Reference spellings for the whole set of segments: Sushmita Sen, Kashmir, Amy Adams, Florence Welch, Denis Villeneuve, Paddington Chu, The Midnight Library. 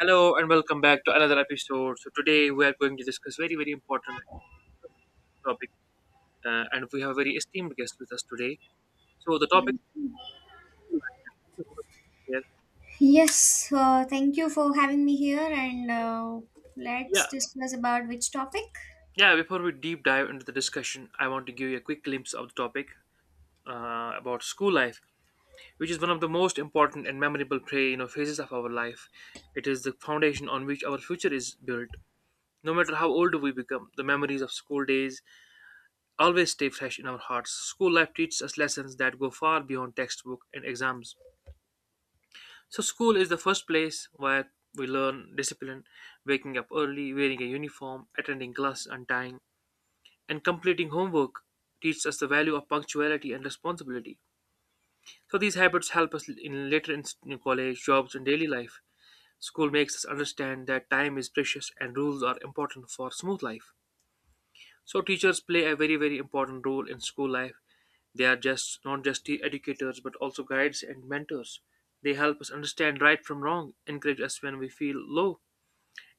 Hello and welcome back to another episode. So today we are going to discuss very important topic, and we have a very esteemed guest with us today. So the topic. Thank- Yes, Thank you for having me here, and let's Yeah, discuss about which topic. yeah. Before we deep dive into the discussion, I want to give you a quick glimpse of the topic about school life, which is one of the most important and memorable phases of our life. It is the foundation on which our future is built. No matter how old we become, the memories of school days always stay fresh in our hearts. School life teaches us lessons that go far beyond textbook and exams. So, school is the first place where we learn discipline, waking up early, wearing a uniform, attending class on time, and completing homework teaches us the value of punctuality and responsibility. So, these habits help us in later in college, jobs, and daily life. School makes us understand that time is precious and rules are important for smooth life. So teachers play a very important role in school life. They are just not just the educators but also guides and mentors. They help us understand right from wrong, encourage us when we feel low,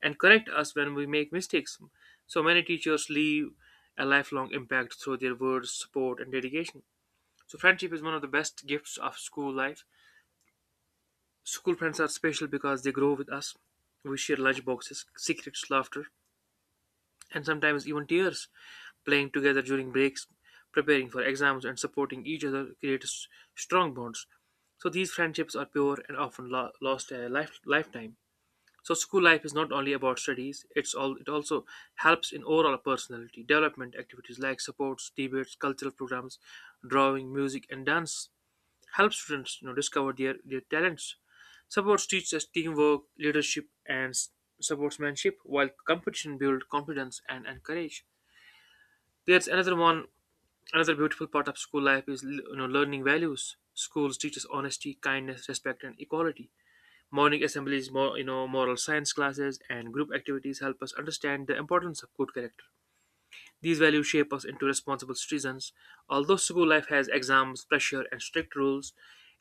and correct us when we make mistakes. So many teachers leave a lifelong impact through their words, support, and dedication. So friendship is one of the best gifts of school life. School friends are special because they grow with us. We share lunch boxes, secrets, laughter, and sometimes even tears, playing together during breaks, preparing for exams, and supporting each other creates strong bonds. So these friendships are pure and often lost a lifetime. So school life is not only about studies; it also helps in overall personality development activities like sports, debates, cultural programs, drawing, music, and dance help students discover their talents supports teaches teamwork, leadership, and sportsmanship, while competition builds confidence and courage. There's another one Another beautiful part of school life is, learning values. Schools teaches honesty, kindness, respect, and equality. Morning assemblies, more you know moral science classes, and group activities help us understand the importance of good character. These values shape us into responsible citizens. Although school life has exams, pressure, and strict rules,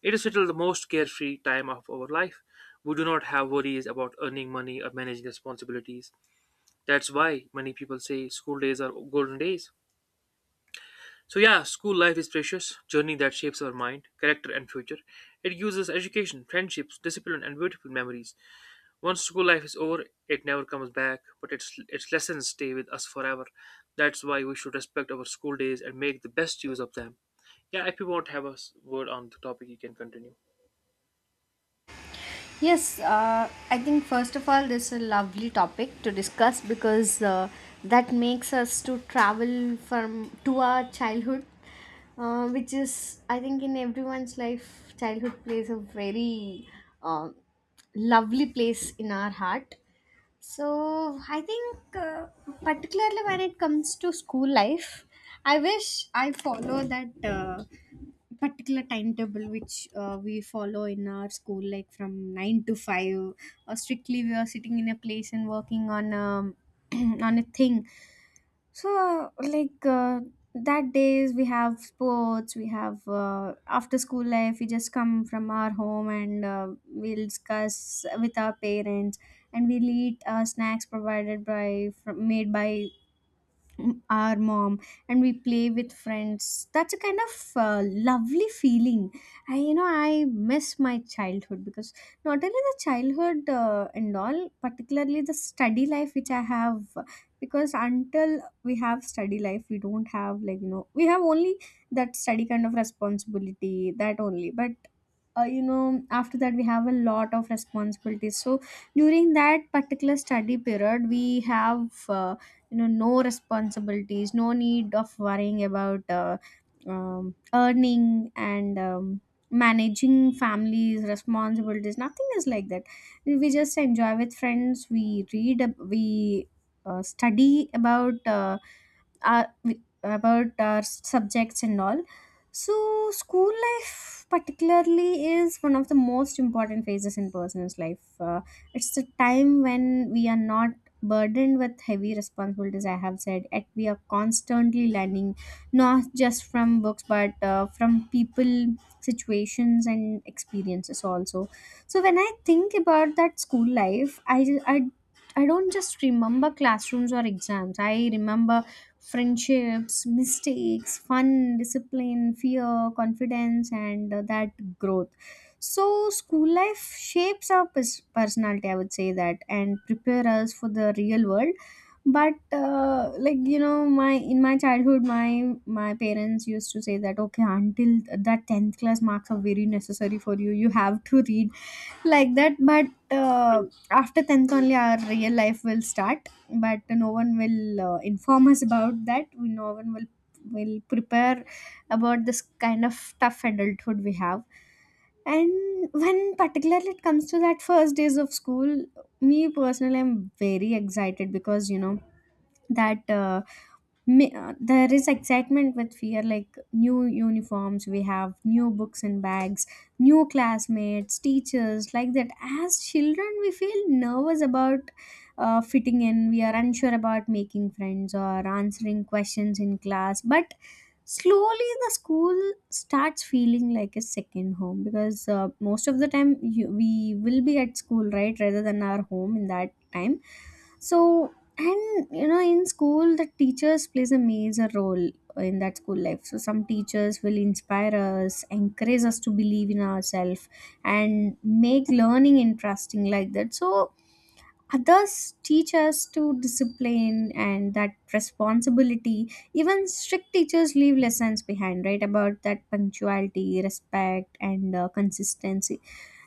it is still the most carefree time of our life. We do not have worries about earning money or managing responsibilities. That's why many people say school days are golden days. So yeah, school life is precious journey that shapes our mind, character, and future. It gives us education, friendships, discipline, and beautiful memories. Once school life is over, it never comes back, but its lessons stay with us forever. That's why we should respect our school days and make the best use of them. Yeah, if you want to have a word on the topic, you can continue. Yes, I think first of all, this is a lovely topic to discuss because that makes us to travel from to our childhood, which is I think in everyone's life, childhood plays a very uh, lovely place in our heart. So I think, particularly when it comes to school life, I wish I follow that particular timetable which we follow in our school, like from 9 to 5. Or strictly, we are sitting in a place and working on on a thing. So, that days we have sports, we have after school life, we just come from our home and we'll discuss with our parents, and we'll eat snacks provided by from, made by our mom, and we play with friends. That's a kind of uh, lovely feeling. I you know i miss my childhood because not only the childhood and all, particularly the study life which I have, because until we have study life we don't have, like, you know, we have only that study kind of responsibility, that only. But you know, after that we have a lot of responsibilities. So during that particular study period we have, you know, no responsibilities, no need of worrying about earning and managing families responsibilities, nothing is like that. We just enjoy with friends, we study about our, about our subjects and all. So, school life, particularly, is one of the most important phases in person's life. It's the time when we are not burdened with heavy responsibilities, I have said, and we are constantly learning, not just from books but from people, situations, and experiences also. So, when I think about that school life, I don't just remember classrooms or exams. I remember friendships, mistakes, fun, discipline, fear, confidence, and that growth. So, school life shapes our personality, I would say that, and prepare us for the real world. But like you know, my in my childhood, my parents used to say that, okay, until that 10th class marks are very necessary for you. You have to read like that. But True. after 10th only, our real life will start, but no one will inform us about that. No one will prepare about this kind of tough adulthood we have. And when particularly it comes to that first days of school, me personally, I'm very excited because, you know, that there is excitement with fear, like new uniforms, we have new books and bags, new classmates, teachers, like that. As children we feel nervous about fitting in, we are unsure about making friends or answering questions in class. But slowly the school starts feeling like a second home, because most of the time we will be at school, right, rather than our home in that time. So, and you know, in school the teachers plays a major role in that school life. So some teachers will inspire us, encourage us to believe in ourselves, and make learning interesting, like that. So others teach us to discipline and that responsibility. Even strict teachers leave lessons behind, right, about that punctuality, respect, and consistency.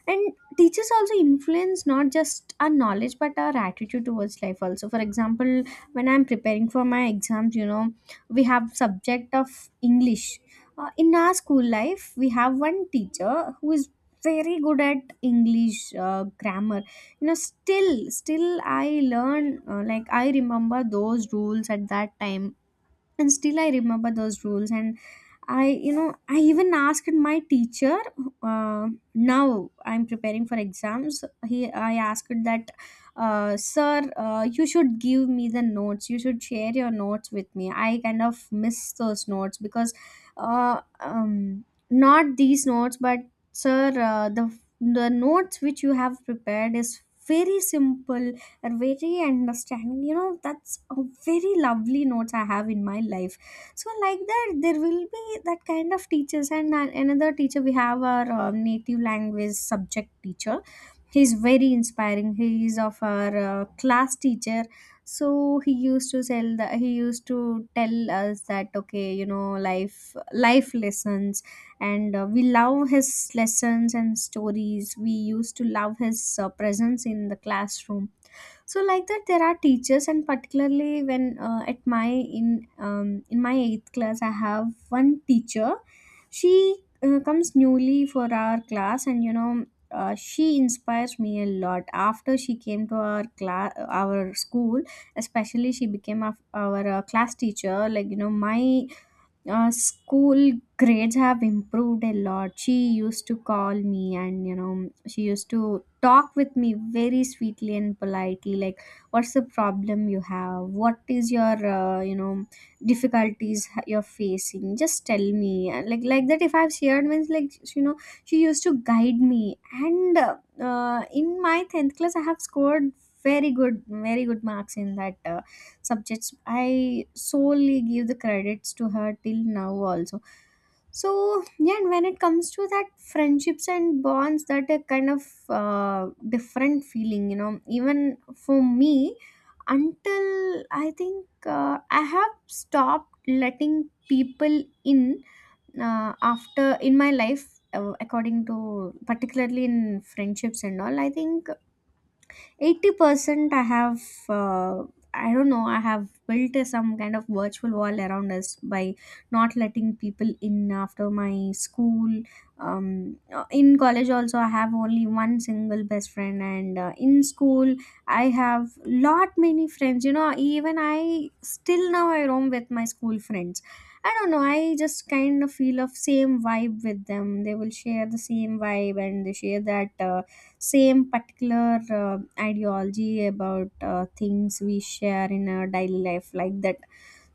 And teachers also influence not just our knowledge but our attitude towards life also. For example, when I'm preparing for my exams, you know, we have subject of English. In our school life we have one teacher who is very good at English grammar. You know, still I learn, like I remember those rules at that time, and still I remember those rules. And I you know I even asked my teacher, uh, now I'm preparing for exams. He i asked that, sir, you should give me the notes, you should share your notes with me. I kind of miss those notes because not these notes, but sir, the notes which you have prepared is very simple and very understanding, you know. That's a very lovely notes I have in my life. So like that there will be that kind of teachers. And another teacher we have, our native language subject teacher, he's very inspiring. He is of our class teacher. So he used to tell the, he used to tell us that, okay, you know, life lessons. And we love his lessons and stories. We used to love his presence in the classroom. So like that there are teachers. And particularly when at my in my 8th class I have one teacher. She comes newly for our class, and you know, she inspires me a lot. After she came to our class, our school, especially, she became our, our class teacher. Like you know, my school grades have improved a lot. She used to call me and, you know, she used to talk with me very sweetly and politely, like, what's the problem you have? What is your, you know, difficulties you're facing? Just tell me. And like that, if I've shared, means, like, you know, she used to guide me. And in my 10th class, I have scored very good, very good marks in that. Subjects. I solely give the credits to her till now also. So yeah, and when it comes to that friendships and bonds, that a kind of different feeling, you know. Even for me, until I think I have stopped letting people in after in my life, according to particularly in friendships and all, I think 80% I have, uh, I don't know, I have built some kind of virtual wall around us by not letting people in after my school. In college also I have only one single best friend, and in school I have lot many friends. You know, even I still now I roam with my school friends. I don't know, I just kind of feel of same vibe with them. They will share the same vibe, and they share that same particular ideology about things we share in our daily life, like that.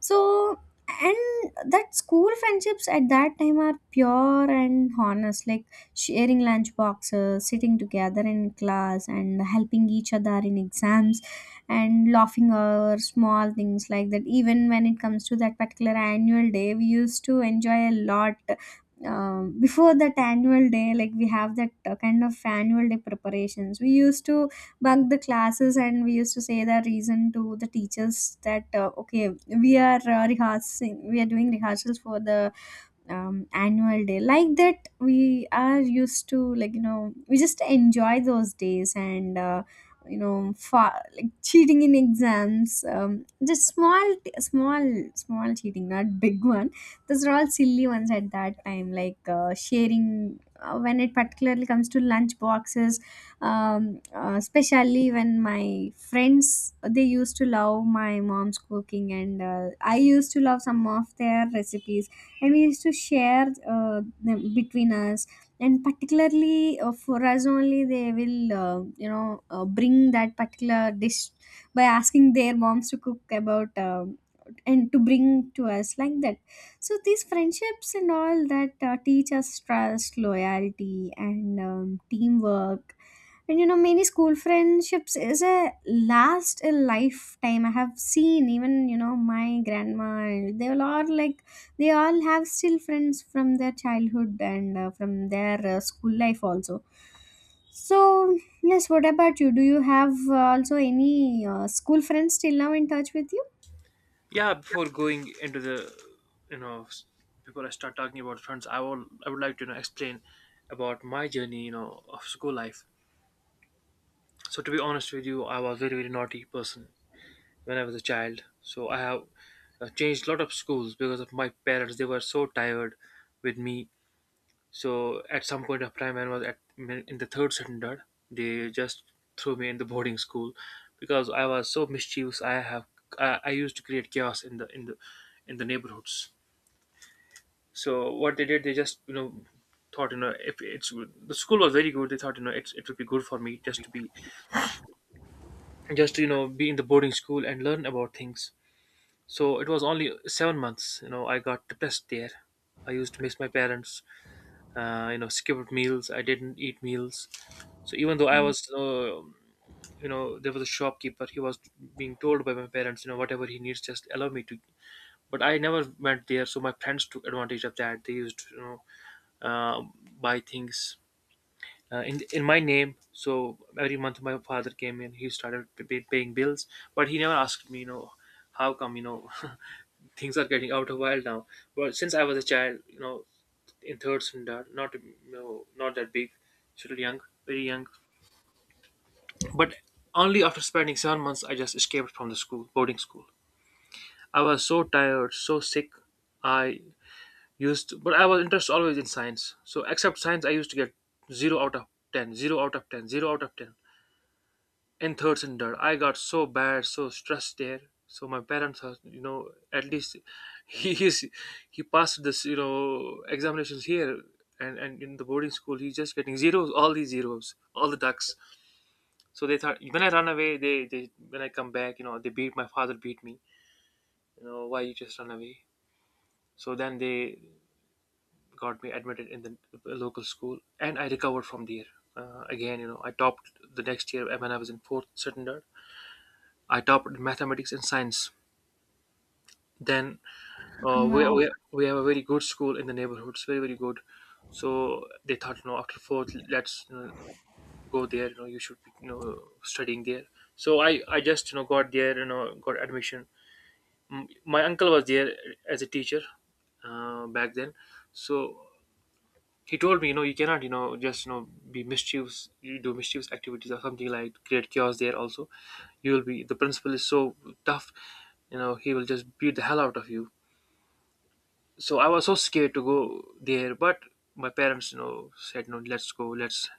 So, and that school friendships at that time are pure and honest, like sharing lunch boxes, sitting together in class, and helping each other in exams, and laughing over small things, like that. Even when it comes to that particular annual day, we used to enjoy a lot. Before that annual day, like we have that kind of annual day preparations, we used to bunk the classes, and we used to say the reason to the teachers, that okay, we are rehearsing, we are doing rehearsals for the annual day. Like that we are used to, like you know, we just enjoy those days. And you know, like cheating in exams, just small cheating, not big one. Those are all silly ones at that time. Like sharing, when it particularly comes to lunch boxes, especially when my friends, they used to love my mom's cooking, and I used to love some of their recipes, and we used to share uh, them between us. And particularly for us only, they will you know, bring that particular dish by asking their moms to cook about and to bring to us, like that. So these friendships and all that teach us trust, loyalty, and teamwork. And you know, many school friendships is a last a lifetime. I have seen, even you know, my grandma and they all are like, they all have still friends from their childhood, and from their school life also. So, yes, what about you? Do you have also any school friends still now in touch with you? Yeah, before going into the, you know, s- before I start talking about friends, I would like to, explain about my journey, of school life. So to be honest with you, I was very naughty person when I was a child. So I have changed a lot of schools because of my parents. They were so tired with me. So at some point of time, when I was at in the third standard, they just threw me in the boarding school because I was so mischievous. I used to create chaos in the in the in the neighborhoods. So what they did, they just, thought, if it's, the school was very good. They thought, it's it would be good for me just to be, just to, you know, be in the boarding school and learn about things. So it was only 7 months. You know, I got depressed there. I used to miss my parents. You know, skipped meals. I didn't eat meals. So even though I was, you know, there was a shopkeeper, he was being told by my parents, you know, whatever he needs, just allow me to. But I never went there, so my friends took advantage of that. They used to, you know, uh, buy things in my name. So every month my father came in, he started paying bills, but he never asked me, you know, how come, you know, things are getting out of wild now. Well, since I was a child, you know, in third standard, not, you know, not that big, still young, very young. But only after spending 7 months I just escaped from the school, boarding school. I was so tired, so sick. I used, but I was interested always in science. So except science, I used to get zero out of ten, zero out of ten, zero out of ten. In third standard, I got so bad, so stressed there. So my parents are, you know, at least he is, he passed this, you know, examinations here, and in the boarding school, he's just getting zeros, all these zeros, all the ducks. So they thought when I run away, they when I come back, you know, they beat, my father beat me. You know, why you just run away? So then they got me admitted in the local school, and I recovered from there. Again, you know, I topped the next year when I was in fourth standard. I topped mathematics and science. Then Wow. We have a very good school in the neighborhood. It's very good. So they thought, you know, after fourth, let's, you know, go there. You know, you should be, you know, studying there. So I just, you know, got there. You know, got admission. Mm, my uncle was there as a teacher back then. So he told me, you know, you cannot, you know, just, you know, be mischievous. You do mischievous activities or something, like create chaos there also, you will be, the principal is so tough, you know, he will just beat the hell out of you. So I was so scared to go there. But my parents, you know, said no, let's go, let's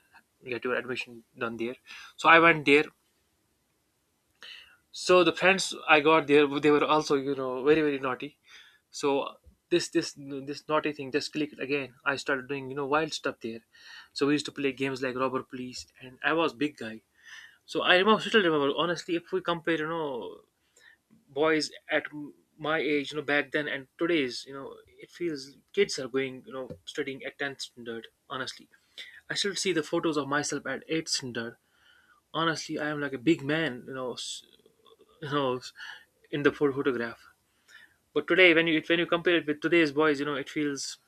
get your admission done there. So I went there. So the friends I got there, they were also, you know, very naughty. So this naughty thing just clicked again. I started doing, you know, wild stuff there. So we used to play games like robber police, and I was big guy. So I remember, still remember honestly, if we compare, you know, boys at my age, you know, back then and today's, you know, it feels kids are going, you know, studying at 10th standard honestly. I still see the photos of myself at 8th standard. Honestly, I am like a big man, you know, you know, in the photograph. But today, when you compare it with today's boys, you know it feels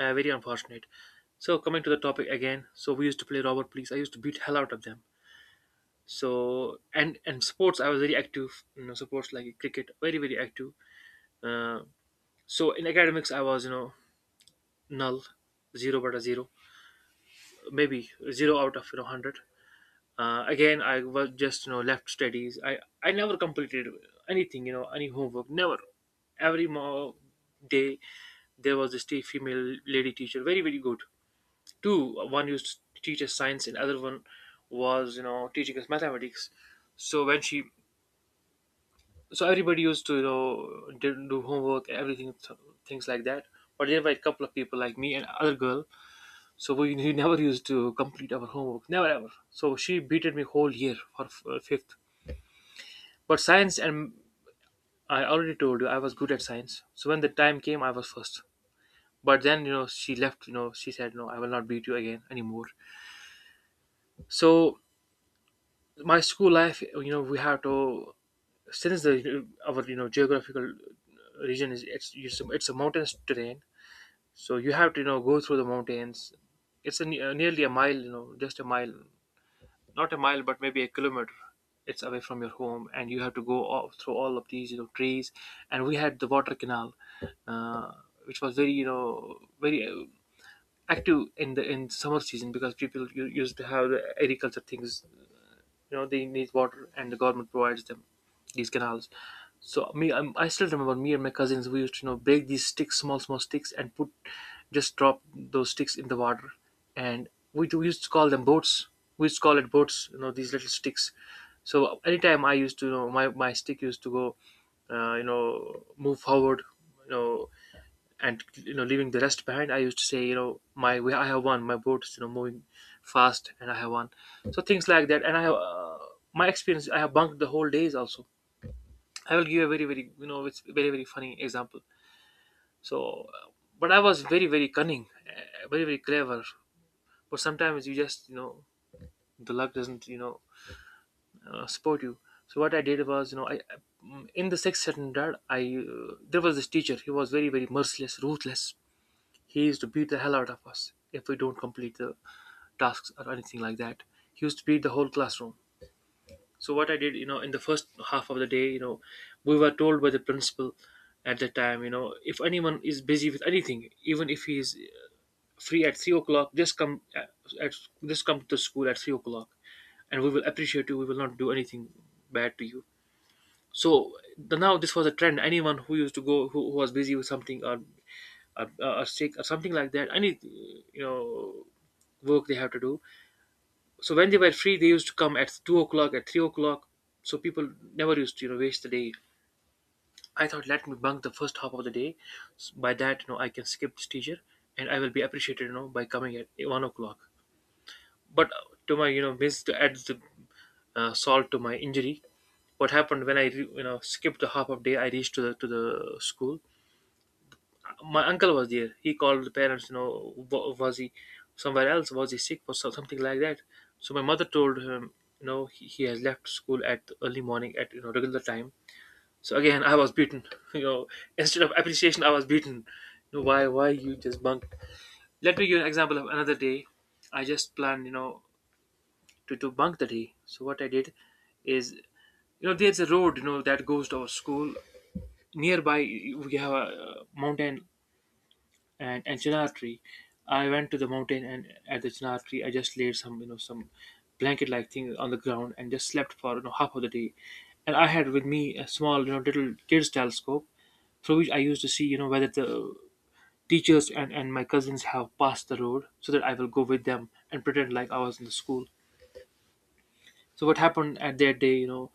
very unfortunate. So coming to the topic again, so we used to play robber police. I used to beat hell out of them. So and sports, I was very active. You know, sports like cricket, very active. Uh, so in academics, I was, you know, null, zero, but a zero, maybe zero out of, you know, hundred. Again, I was just, you know, left studies. I never completed anything, you know, any homework, never. every mo- day there was this female lady teacher, very very good. Two, one used to teach us science and other one was, you know, teaching us mathematics. So when she, so everybody used to, you know, do homework, everything, things like that. But there were a couple of people like me and other girl. So we never used to complete our homework, never ever. So she beated me whole year for fifth. But science, and I already told you I was good at science. So when the time came, I was first. But then, you know, she left. You know, she said no, I will not beat you again anymore. So my school life, you know, we have to, since the our, you know, geographical region is, it's a mountainous terrain. So you have to, you know, go through the mountains. It's a, nearly a mile, just a mile, not a mile but maybe a kilometer. It's away from your home, and you have to go all, through all of these trees. And we had the water canal, uh, which was very very active in the in summer season, because people used to have the agriculture things. You know they need water, and the government provides them these canals. So me, I still remember, me and my cousins, we used to break these sticks, small small sticks, and put, just drop those sticks in the water. And we used to call them boats. We used to call it boats, you know, these little sticks. So anytime I used to, my stick used to go, move forward, you know, and you know, leaving the rest behind, I used to say, you know, I have one. My boat is, you know, moving fast, and I have one. So things like that. And I have, my experience, I have bunked the whole days also. I will give a very very, you know, it's very very funny example. So, but I was very very cunning, very very clever. But sometimes you just, you know, the luck doesn't, you know, support you. So what I did was, you know, in the sixth standard, I there was this teacher. He was very very merciless, ruthless. He used to beat the hell out of us if we don't complete the tasks or anything like that. He used to beat the whole classroom. So what I did, you know, in the first half of the day, you know, we were told by the principal at the time, you know, if anyone is busy with anything, even if he is free at 3 o'clock, just come at just come to school at 3 o'clock, and we will appreciate you. We will not do anything bad to you. So the, now this was a trend. Anyone who used to go, who was busy with something, or sick or something like that, any, you know, work they have to do, so when they were free they used to come at 2 o'clock, at 3 o'clock. So people never used to, you know, waste the day. I thought, let me bunk the first half of the day. By that, you know, I can skip this teacher, and I will be appreciated, you know, by coming at 1 o'clock. But to my, you know, miss, to add the salt to my injury, what happened, when I you know, skipped the half of day, I reached to the school. My uncle was there. He called the parents, you know, was he somewhere else? Was he sick? Was something like that? So my mother told him, you know, he has left school at early morning, at, you know, regular time. So again, I was beaten. You know, instead of appreciation, I was beaten. You know, why? Why you just bunk? Let me give an example of another day. I just planned, you know, to bunk the day. So what I did is, you know, there's a road, you know, that goes to our school nearby. We have a, mountain, and chinar tree. I went to the mountain, and at the chinar tree, I just laid some, you know, some blanket like thing on the ground, and just slept for, you know, half of the day. And I had with me a small, you know, little kid's telescope, through which I used to see, you know, whether the teachers and my cousins have passed the road, so that I will go with them and pretend like I was in the school. So what happened at that day, you know,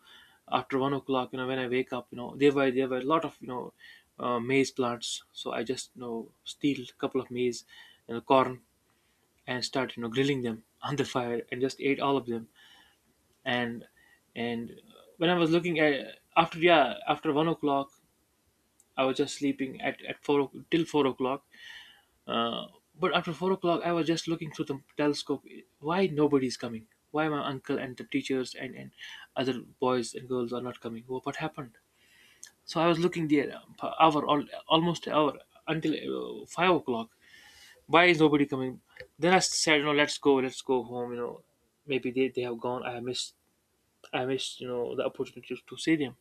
after 1 o'clock, you know, when I wake up, you know, there were, there were a lot of, you know, maize plants. So I just, you know, steal a couple of maize and corn, and start, you know, grilling them on the fire, and just ate all of them. and and when I was looking at, after, yeah, after 1 o'clock, I was just sleeping at, four till 4 o'clock. uh, but after 4 o'clock, I was just looking through the telescope. Why nobody's coming? Why my uncle and the teachers and other boys and girls are not coming? Well, what happened? So I was looking there, per hour, almost an hour, until 5 o'clock. Why is nobody coming? Then I said, you know, let's go home. You know, maybe they have gone. I missed, you know, the opportunity to see them.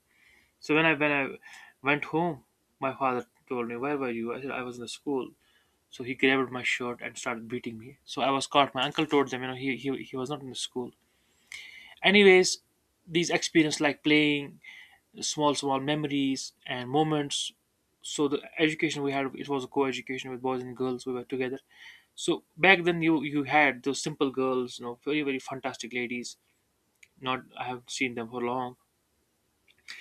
So when I, when I went home, my father told me, where were you? I said, I was in the school. So he grabbed my shirt and started beating me. So I was caught. My uncle told them, you know, he was not in the school. Anyways, these experiences, like playing, small small memories and moments. So the education we had, it was a co-education with boys and girls. We were together, so back then, you had those simple girls, you know, very very fantastic ladies. Not I have seen them for long.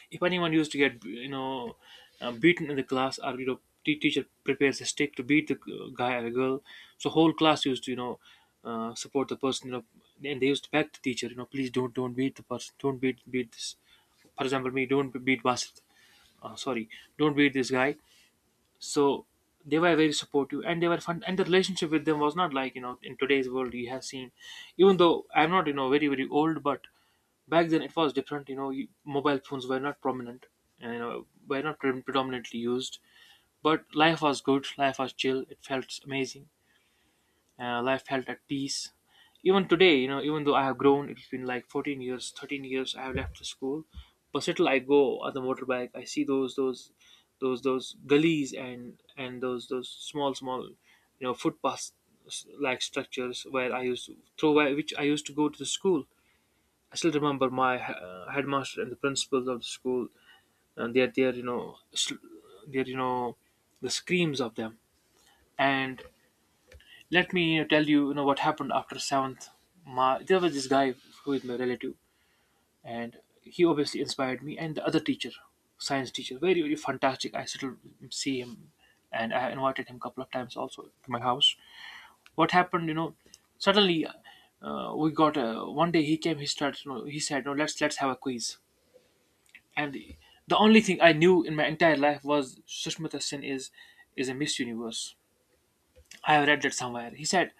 If anyone used to get, you know, beaten in the class, or, you know, teacher prepares a stick to beat the guy or girl, so whole class used to, you know, support the person. You know, and they used to beg the teacher, you know, please don't beat the person, don't beat this. For example, me, don't beat Basit. Sorry, don't beat this guy. So they were very supportive, and they were fun, and the relationship with them was not like, you know, in today's world you have seen. Even though I'm not, you know, very very old, but back then it was different, you know. Mobile phones were not prominent, and, you know, were not predominantly used. But life was good, life was chill, it felt amazing. Life felt at peace. Even today, you know, even though I have grown, it's been like 14 years, 13 years I have left the school. But still I go on the motorbike, I see those those gullies, and those small small, you know, footpaths like structures where I used to, through which I used to go to the school. I still remember my headmaster and the principals of the school, and their their, you know, the screams of them. And let me, you know, tell you, you know, what happened after seventh. There was this guy who is my relative, and he obviously inspired me. And the other teacher, science teacher, very very fantastic. I still see him, and I invited him a couple of times also to my house. What happened, you know, suddenly, we got, one day he came. He started, you know, he said, "No, let's have a quiz." And the only thing I knew in my entire life was Sushmita Sen is a Miss Universe. I have read that somewhere. He said,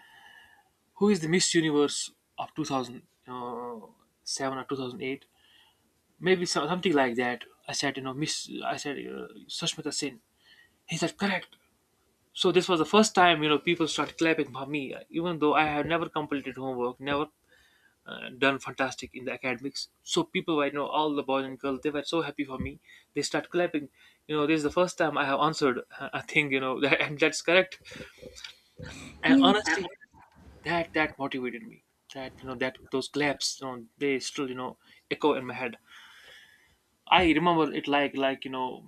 who is the Miss Universe of 2007 or 2008? Maybe something like that. I said, you know, Miss, I said, Sushmita Sen. He said, correct. So this was the first time, you know, people started clapping for me, even though I had never completed homework, never done fantastic in the academics. So people were, you know, all the boys and girls, they were so happy for me. They start clapping. You know, this is the first time I have answered a thing, you know, and that's correct. And Yes. honestly, that motivated me, that, you know, that those claps, you know, they still, you know, echo in my head. I remember it like, you know,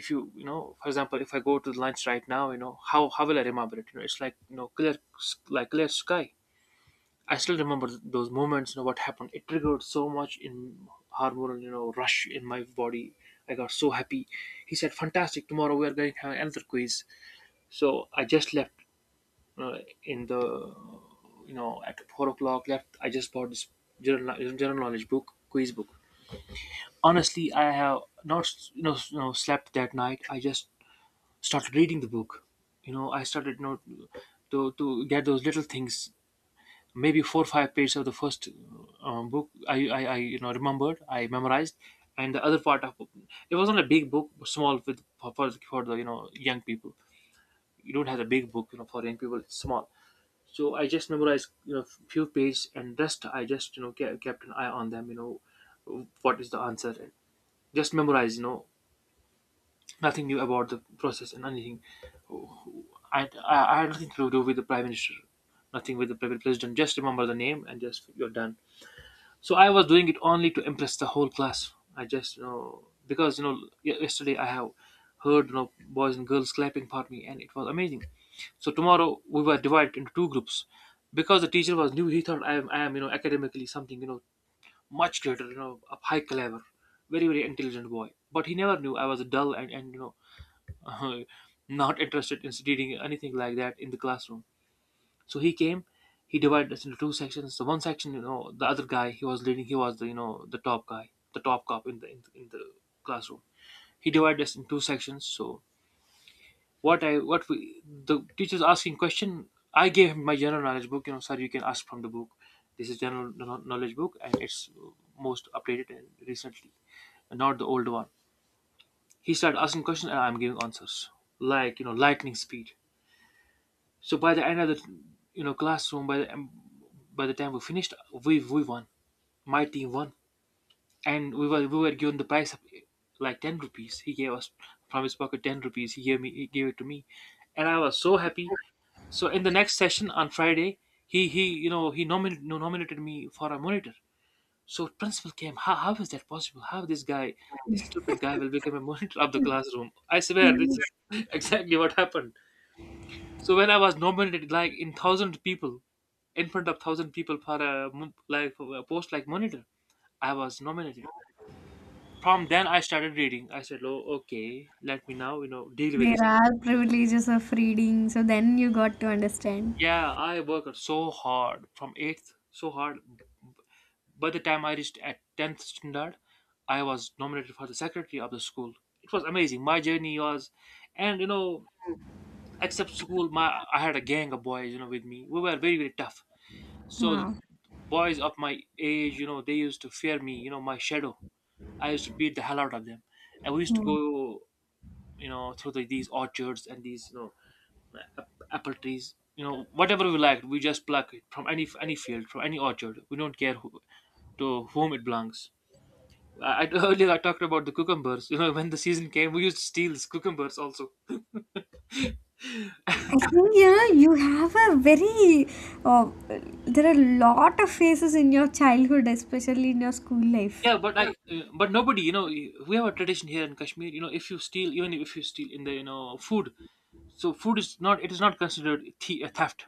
if you, you know, for example, if I go to lunch right now, you know, how will I remember it? You know, it's like, you know, clear like clear sky. I still remember those moments, you know, what happened. It triggered so much in hormonal, you know, rush in my body. I got so happy. He said, fantastic, tomorrow we are going to have another quiz. So I just left, uh, in the, you know, at 4 o'clock left. I just bought this general knowledge book, quiz book. Honestly, I have not, you know, you know, slept that night. I just started reading the book. You know, I started, you know, to get those little things. Maybe four or five pages of the first book, I, you know, remembered. I memorized, and the other part of it, wasn't a big book, small, with, for, for the, you know, young people. You don't have a big book, you know, for young people. It's small. So I just memorized, you know, few pages, and rest I just, you know, kept an eye on them, you know, what is the answer. And Just memorize, you know, nothing new about the process and anything. I had nothing to do with the prime minister, nothing with the president. Just remember the name and just you're done. So I was doing it only to impress the whole class. I just you know because yesterday I have heard you know boys and girls clapping for me, and it was amazing. So tomorrow we were divided into two groups because the teacher was new. He thought I am you know academically something, you know, much greater, you know, a high caliber, very very intelligent boy. But he never knew I was dull and you know not interested in studying anything like that in the classroom. So he came, he divided us into two sections. So one section, you know, the other guy, he was leading, he was the you know the top guy, the top cop in in the classroom. He divided us in two sections. So what we, the teacher's asking question, I gave him my general knowledge book. You know, sir, you can ask from the book. This is general knowledge book, and it's most updated and recently, not the old one. He started asking questions, and I'm giving answers like you know lightning speed. So by the end of the you know classroom, by the time we finished, we won. My team won, and we were given the prize of like ten rupees. He gave us from his pocket ten rupees. He gave it to me, and I was so happy. So in the next session on Friday, he you know he nominated me for a monitor. So principal came. How is that possible? How this guy, this stupid guy, will become a monitor of the classroom? I swear this is exactly what happened. So when I was nominated, like in thousand people, in front of thousand people for a like for a post like monitor, I was nominated. From then, I started reading. I said, "Oh, okay, let me now you know deal with There this." are privileges of reading, so then you got to understand. Yeah, I worked so hard from eighth, so hard. By the time I reached at tenth standard, I was nominated for the secretary of the school. It was amazing. My journey was, and you know, except school, my I had a gang of boys, you know, with me. We were very very tough. So Wow. boys of my age, you know, they used to fear me, you know, my shadow. I used to beat the hell out of them. And we used to Hmm. go, you know, through the, these orchards and these, you know, apple trees, you know, whatever we liked, we just pluck it from any field, from any orchard. We don't care who, to whom it belongs. Earlier I talked about the cucumbers. You know, when the season came, we used to steal these cucumbers also. I think you know you have a very uh, there are a lot of phases in your childhood, especially in your school life. Yeah, but but nobody, you know, we have a tradition here in Kashmir. You know, if you steal, even if you steal in the, you know, food, so food is not, it is not considered a theft.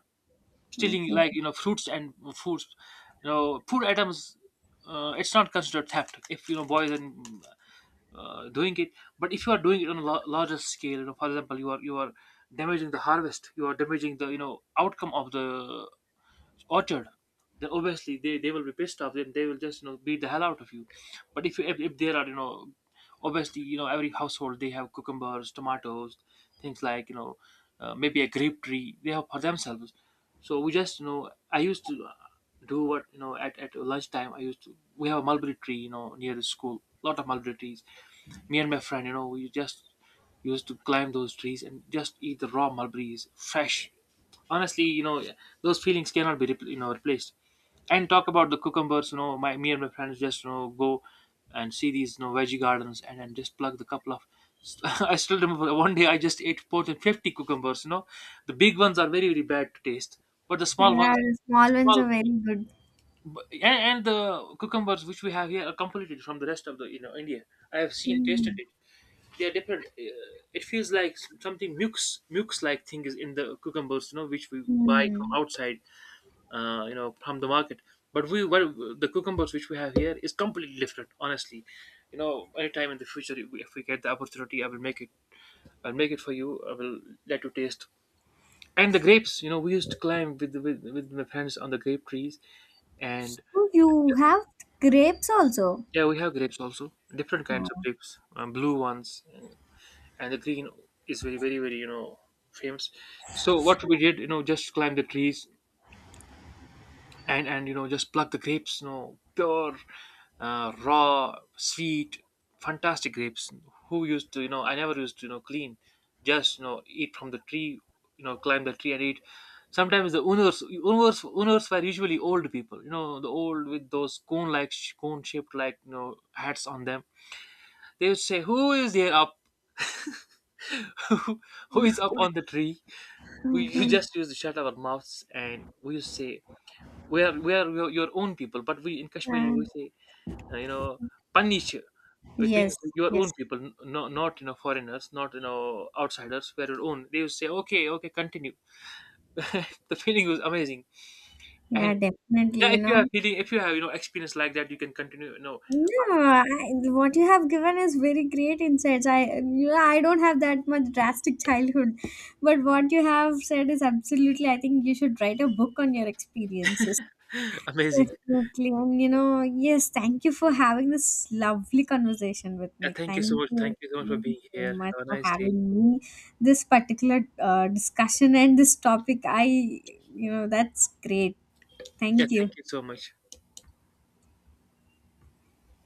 Stealing Okay. like you know fruits and foods, you know, food items, it's not considered theft if you know boys and doing it. But if you are doing it on a larger scale, you know, for example, you are damaging the harvest, you are damaging the you know outcome of the orchard, then obviously, they will be pissed off, then they will just you know beat the hell out of you. But if there are you know obviously you know every household, they have cucumbers, tomatoes, things like you know maybe a grape tree they have for themselves. So we just you know I used to do what you know at lunchtime, I used to, we have a mulberry tree you know near the school, lot of mulberry trees. Me and my friend, you know, we just used to climb those trees and just eat the raw mulberries, fresh. Honestly, you know, those feelings cannot be you know replaced. And talk about the cucumbers, you know, my me and my friends just you know go and see these you know veggie gardens and just pluck the couple of. I still remember one day I just ate more than 50 cucumbers. You know, the big ones are very very bad to taste, but the small Yeah, ones, the small ones small, are very good. but, and, and the cucumbers which we have here are completely from the rest of the you know India. I have seen, tasted Hmm. it. They are different. It feels like something mucus like thing is in the cucumbers, you know, which we buy from Hmm. outside, you know, from the market. But we, well, the cucumbers which we have here is completely different. Honestly, you know, anytime in the future, if we get the opportunity, I will make it. I'll make it for you. I will let you taste. And the grapes, you know, we used to climb with my friends on the grape trees, and So you have grapes also. yeah, we have grapes also, different kinds of Oh, grapes, blue ones, and the green is very, very, very, you know, famous. So what we did, you know, just climb the trees and you know just pluck the grapes, you know, pure, raw, sweet, fantastic grapes. Who used to, you know, I never used to, you know, clean, just you know, eat from the tree, you know, climb the tree and eat. Sometimes the owners were usually old people, you know, the old with those cone-like, cone-shaped like, you know, hats on them. They would say, "Who is there up? Who is up on the tree?" We, you okay, just used to shut our mouths, and we used to say, "We are your own people." But we in Kashmiri uh, we say, you know, "Panish." It yes, means your yes. own people, no, not you know foreigners, not you know outsiders. We're your own. They would say, "Okay, okay, continue." The feeling was amazing, and Yeah, definitely, yeah, you if you know. have feeling, if you have you know experience like that, you can continue. You know, No, I, what you have given is very great insights. I, you know, I don't have that much drastic childhood, but what you have said is absolutely, I think you should write a book on your experiences. amazing. Absolutely. And you know, yes, thank you for having this lovely conversation with Yeah, me. thank you so Thank much. you. Thank you so much for Thank you being so here. much Have a for nice having day. me. This particular discussion and this topic, I, you know, that's great. Yeah, Thank thank you. you so much.